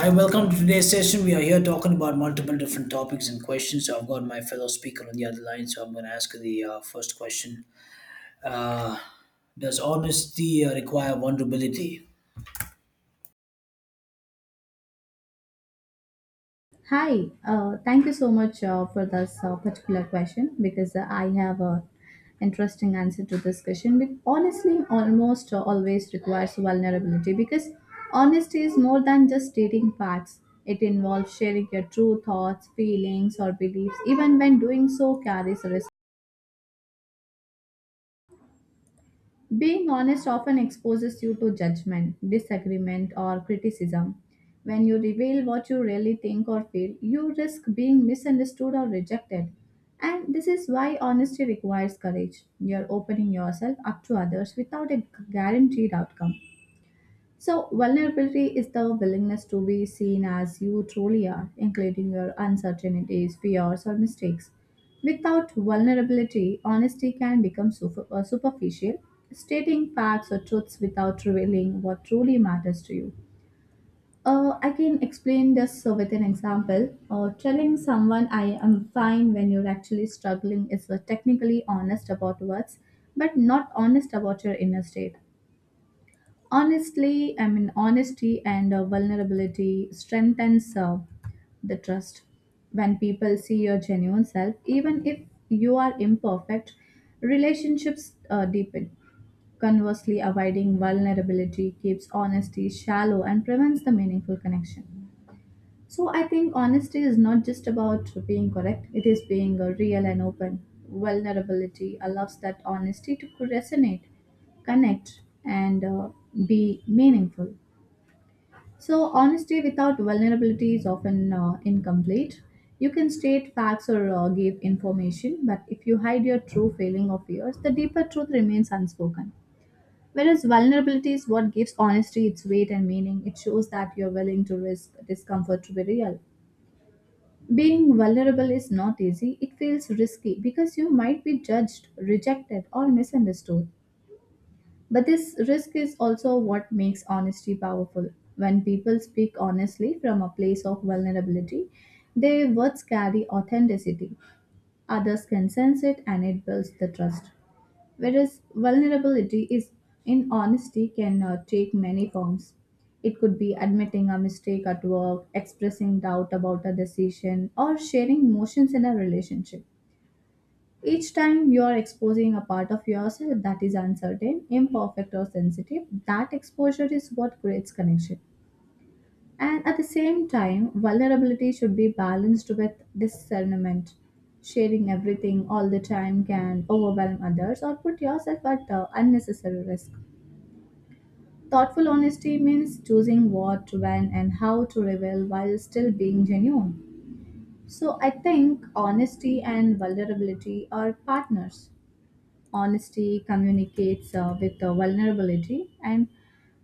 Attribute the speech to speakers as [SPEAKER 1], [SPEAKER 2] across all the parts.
[SPEAKER 1] Hi, welcome to today's session. We are here talking about multiple different topics and questions. So I've got my fellow speaker on the other line, so I'm going to ask the first question. Uh, does honesty require vulnerability?
[SPEAKER 2] Hi, thank you so much for this particular question because I have a interesting answer to this question. But honestly, almost always requires vulnerability because honesty is more than just stating facts. It involves sharing your true thoughts, feelings, or beliefs, even when doing so carries risk. Being honest often exposes you to judgment, disagreement, or criticism. When you reveal what you really think or feel, you risk being misunderstood or rejected. And this is why honesty requires courage. You're opening yourself up to others without a guaranteed outcome. So, vulnerability is the willingness to be seen as you truly are, including your uncertainties, fears, or mistakes. Without vulnerability, honesty can become superficial, stating facts or truths without revealing what truly matters to you. I can explain this with an example. Telling someone I am fine when you're actually struggling is technically honest about words, but not honest about your inner state. Honesty and vulnerability strengthens the trust. When people see your genuine self, even if you are imperfect, relationships deepen. Conversely, avoiding vulnerability keeps honesty shallow and prevents the meaningful connection. So I think honesty is not just about being correct, it is being real and open. Vulnerability allows that honesty to resonate, connect, and be meaningful. So, honesty without vulnerability is often incomplete. You can state facts or give information, but if you hide your true feeling of yours, the deeper truth remains unspoken. Whereas vulnerability is what gives honesty its weight and meaning, it shows that you're willing to risk discomfort to be real. Being vulnerable is not easy. It feels risky because you might be judged, rejected, or misunderstood. But this risk is also what makes honesty powerful. When people speak honestly from a place of vulnerability, their words carry authenticity. Others can sense it and it builds the trust. Whereas vulnerability is in honesty can take many forms. It could be admitting a mistake at work, expressing doubt about a decision, or sharing emotions in a relationship. Each time you are exposing a part of yourself that is uncertain, imperfect, or sensitive, that exposure is what creates connection. And at the same time, vulnerability should be balanced with discernment. Sharing everything all the time can overwhelm others or put yourself at unnecessary risk. Thoughtful honesty means choosing what, when, and how to reveal while still being genuine. So I think honesty and vulnerability are partners. Honesty communicates with vulnerability, and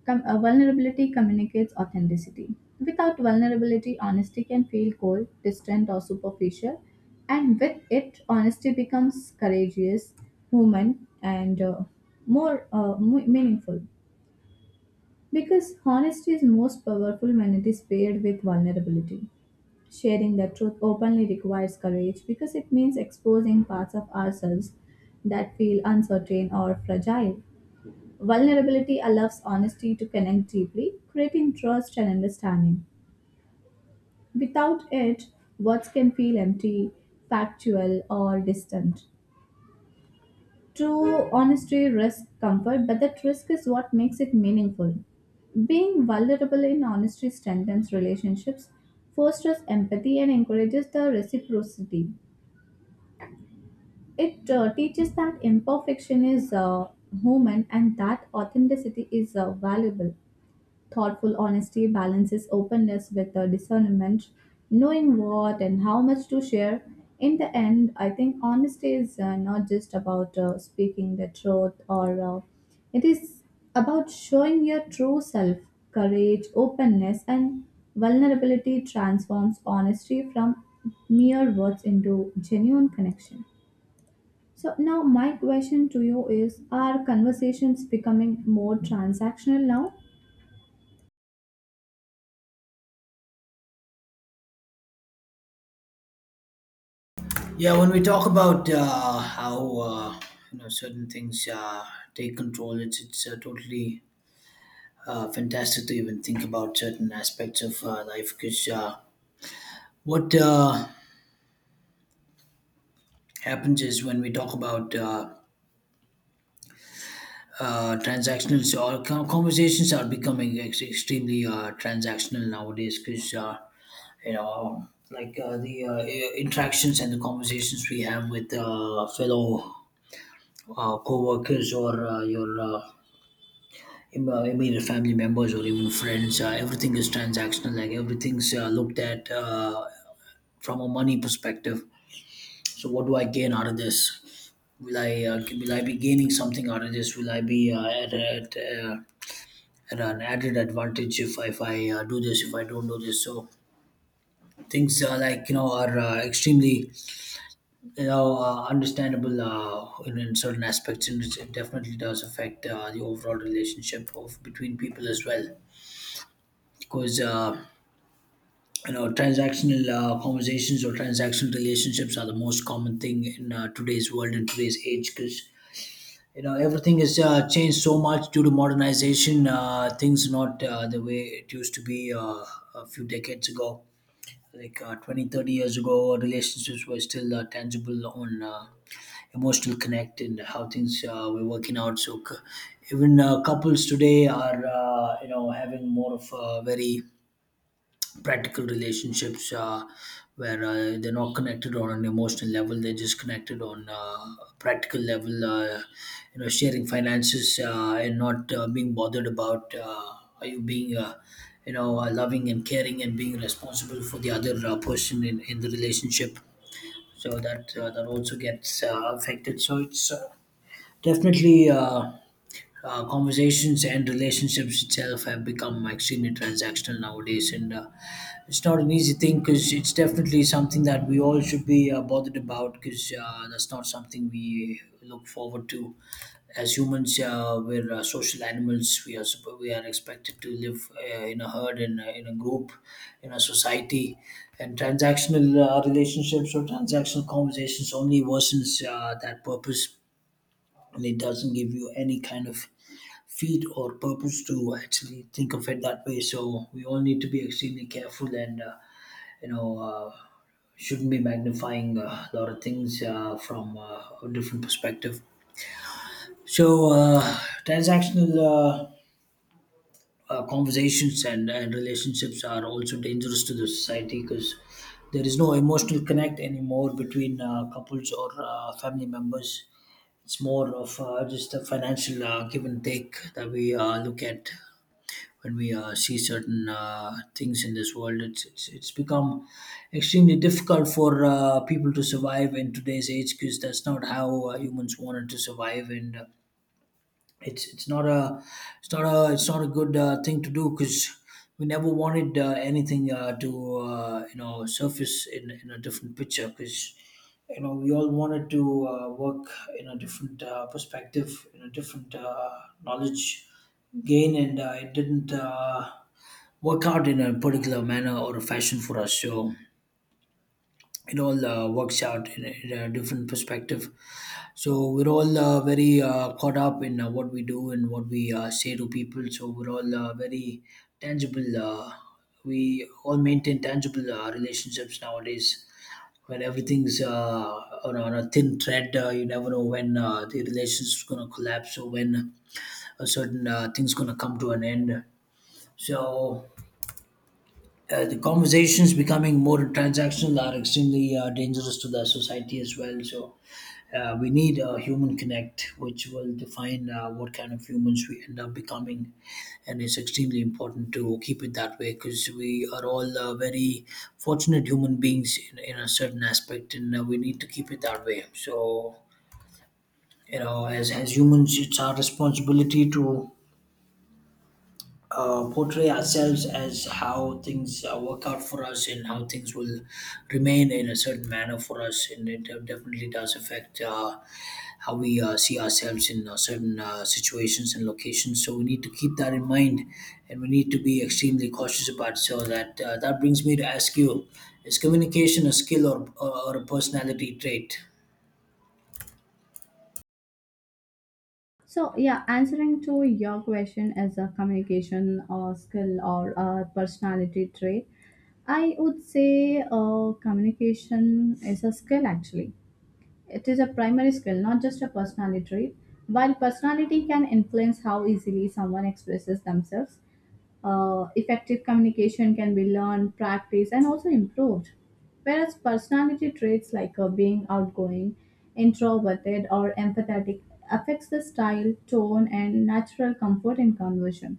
[SPEAKER 2] vulnerability communicates authenticity. Without vulnerability, honesty can feel cold, distant, or superficial. And with it, honesty becomes courageous, human, and more meaningful. Because honesty is most powerful when it is paired with vulnerability. Sharing the truth openly requires courage because it means exposing parts of ourselves that feel uncertain or fragile. Vulnerability allows honesty to connect deeply, creating trust and understanding. Without it, words can feel empty, factual, or distant. True honesty risks comfort, but that risk is what makes it meaningful. Being vulnerable in honesty strengthens relationships, fosters empathy, and encourages the reciprocity. It teaches that imperfection is human and that authenticity is valuable. Thoughtful honesty balances openness with discernment, knowing what and how much to share. In the end, I think honesty is not just about speaking the truth or it is about showing your true self. Courage, openness, and vulnerability transforms honesty from mere words into genuine connection. So now my question to you is, are conversations becoming more transactional now?
[SPEAKER 1] Yeah, when we talk about how certain things take control, it's totally fantastic to even think about certain aspects of life. Because what happens is when we talk about transactional, so our conversations are becoming extremely transactional nowadays, because like the interactions and the conversations we have with fellow co-workers or your immediate family members or even friends, everything is transactional, like everything's looked at from a money perspective. So what do I gain out of this? Will I be gaining something out of this? Will I be at and an added advantage if I do this, if I don't do this? So things like are extremely understandable in certain aspects, and it definitely does affect the overall relationship of between people as well, because transactional conversations or transactional relationships are the most common thing in today's world and today's age, because everything has changed so much due to modernization. Things not the way it used to be a few decades ago, like 20-30 years ago. Relationships were still tangible on emotional connect and how things were working out. So even couples today are having more of a very practical relationships where they're not connected on an emotional level, they're just connected on a practical level, sharing finances, and not being bothered about are you being loving and caring and being responsible for the other person in the relationship. So that that also gets affected. So it's definitely, conversations and relationships itself have become extremely transactional nowadays, and it's not an easy thing because it's definitely something that we all should be bothered about, because that's not something we look forward to. As humans, we're social animals. We are expected to live in a herd, in a group, in a society, and transactional relationships or transactional conversations only worsens that purpose, and it doesn't give you any kind of feed or purpose to actually think of it that way. So we all need to be extremely careful and you know uh, shouldn't be magnifying a lot of things from a different perspective. So transactional conversations and relationships are also dangerous to the society, because there is no emotional connect anymore between couples or family members. It's more of just a financial give and take that we look at when we see certain things in this world. It's become extremely difficult for people to survive in today's age, because that's not how humans wanted to survive. And uh, it's not a it's not a it's not a good thing to do, because we never wanted anything to surface in a different picture, because we all wanted to work in a different perspective, in a different knowledge gain, and it didn't work out in a particular manner or a fashion for us. So it all works out in a different perspective. So we're all very caught up in what we do and what we say to people. So we're all very tangible. We all maintain tangible relationships nowadays. When everything's on a thin thread, you never know when the relationship's gonna collapse or when a certain thing's gonna come to an end. So the conversations becoming more transactional are extremely dangerous to the society as well. So we need a human connect, which will define what kind of humans we end up becoming, and it's extremely important to keep it that way, because we are all very fortunate human beings in a certain aspect, and we need to keep it that way. So, as humans, it's our responsibility to portray ourselves as how things work out for us and how things will remain in a certain manner for us, and it definitely does affect how we see ourselves in certain situations and locations. So we need to keep that in mind, and we need to be extremely cautious about. So that that brings me to ask you, is communication a skill or a personality trait?
[SPEAKER 2] So yeah, answering to your question as a communication or skill or a personality trait, I would say communication is a skill actually. It is a primary skill, not just a personality trait. While personality can influence how easily someone expresses themselves, effective communication can be learned, practiced, and also improved. Whereas personality traits like being outgoing, introverted, or empathetic affects the style, tone, and natural comfort in conversation.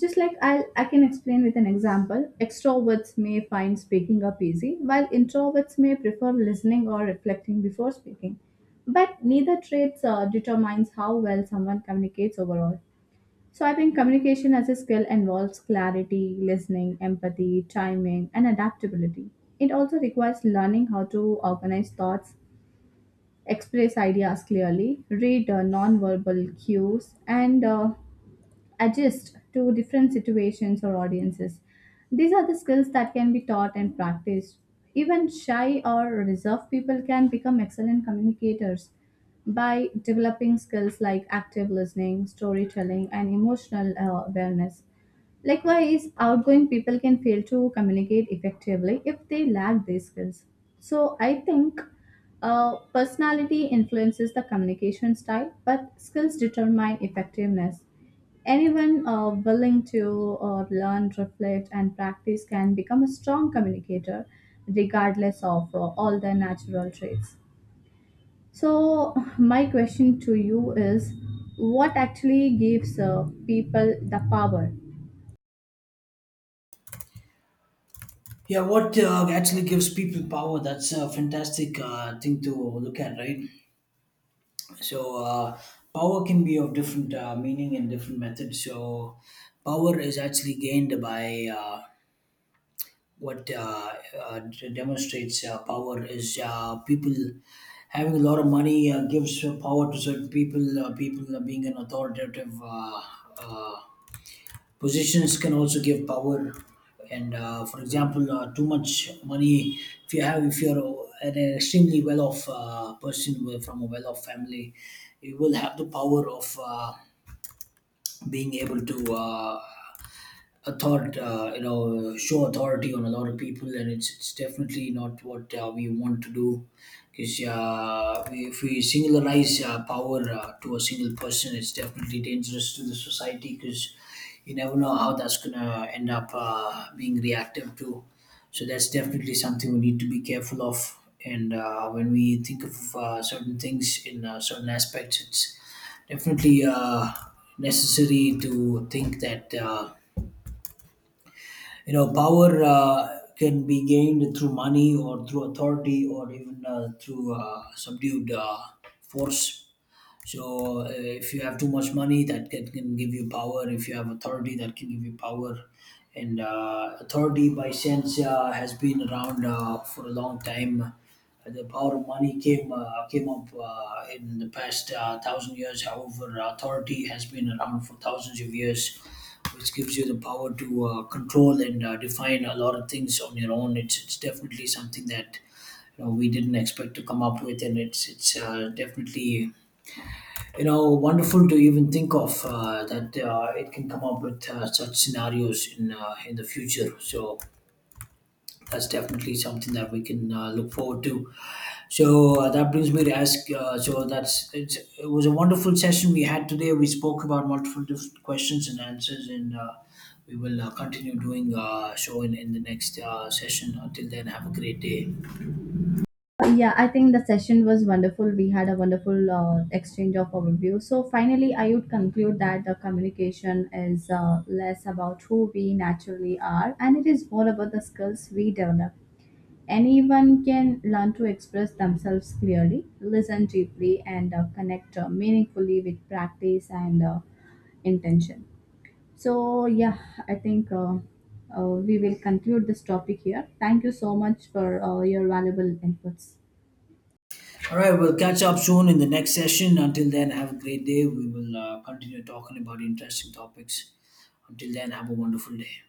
[SPEAKER 2] Just like I can explain with an example, extroverts may find speaking up easy, while introverts may prefer listening or reflecting before speaking. But neither traits determines how well someone communicates overall. So I think communication as a skill involves clarity, listening, empathy, timing, and adaptability. It also requires learning how to organize thoughts, express ideas clearly, read non-verbal cues, and adjust to different situations or audiences. These are the skills that can be taught and practiced. Even shy or reserved people can become excellent communicators by developing skills like active listening, storytelling, and emotional awareness. Likewise, outgoing people can fail to communicate effectively if they lack these skills. So, I think personality influences the communication style, but skills determine effectiveness. Anyone willing to learn, reflect, and practice can become a strong communicator, regardless of all their natural traits. So, my question to you is, what actually gives people the power?
[SPEAKER 1] Yeah, what actually gives people power? That's a fantastic thing to look at, right? So, power can be of different meaning and different methods. So, power is actually gained by what demonstrates power is people having a lot of money gives power to certain people. People being an authoritative uh, positions can also give power, and for example, too much money. If you have, if you're an extremely well-off person from a well-off family, you will have the power of. Being able to author you know show authority on a lot of people, and it's definitely not what we want to do, because if we singularize power to a single person, it's definitely dangerous to the society, because you never know how that's going to end up being reactive to. So that's definitely something we need to be careful of. And when we think of certain things in certain aspects, it's definitely necessary to think that power can be gained through money or through authority, or even through subdued force. So if you have too much money, that can give you power. If you have authority, that can give you power. And authority, by sense, has been around for a long time. The power of money came up in the past thousand years. However, authority has been around for thousands of years, which gives you the power to control and define a lot of things on your own. It's definitely something that we didn't expect to come up with, and it's definitely wonderful to even think of, that it can come up with such scenarios in the future. So that's definitely something that we can look forward to. So that brings me to ask so that's it was a wonderful session we had today. We spoke about multiple different questions and answers, and we will continue doing so in the next session. Until then, have a great day.
[SPEAKER 2] Yeah, I think the session was wonderful. We had a wonderful exchange of overview. So finally, I would conclude that the communication is less about who we naturally are, and it is more about the skills we develop. Anyone can learn to express themselves clearly, listen deeply, and connect meaningfully with practice and intention. So yeah, I think. We will conclude this topic here. Thank you so much for your valuable inputs.
[SPEAKER 1] All right, we'll catch up soon in the next session. Until then, have a great day. We will continue talking about interesting topics. Until then, have a wonderful day.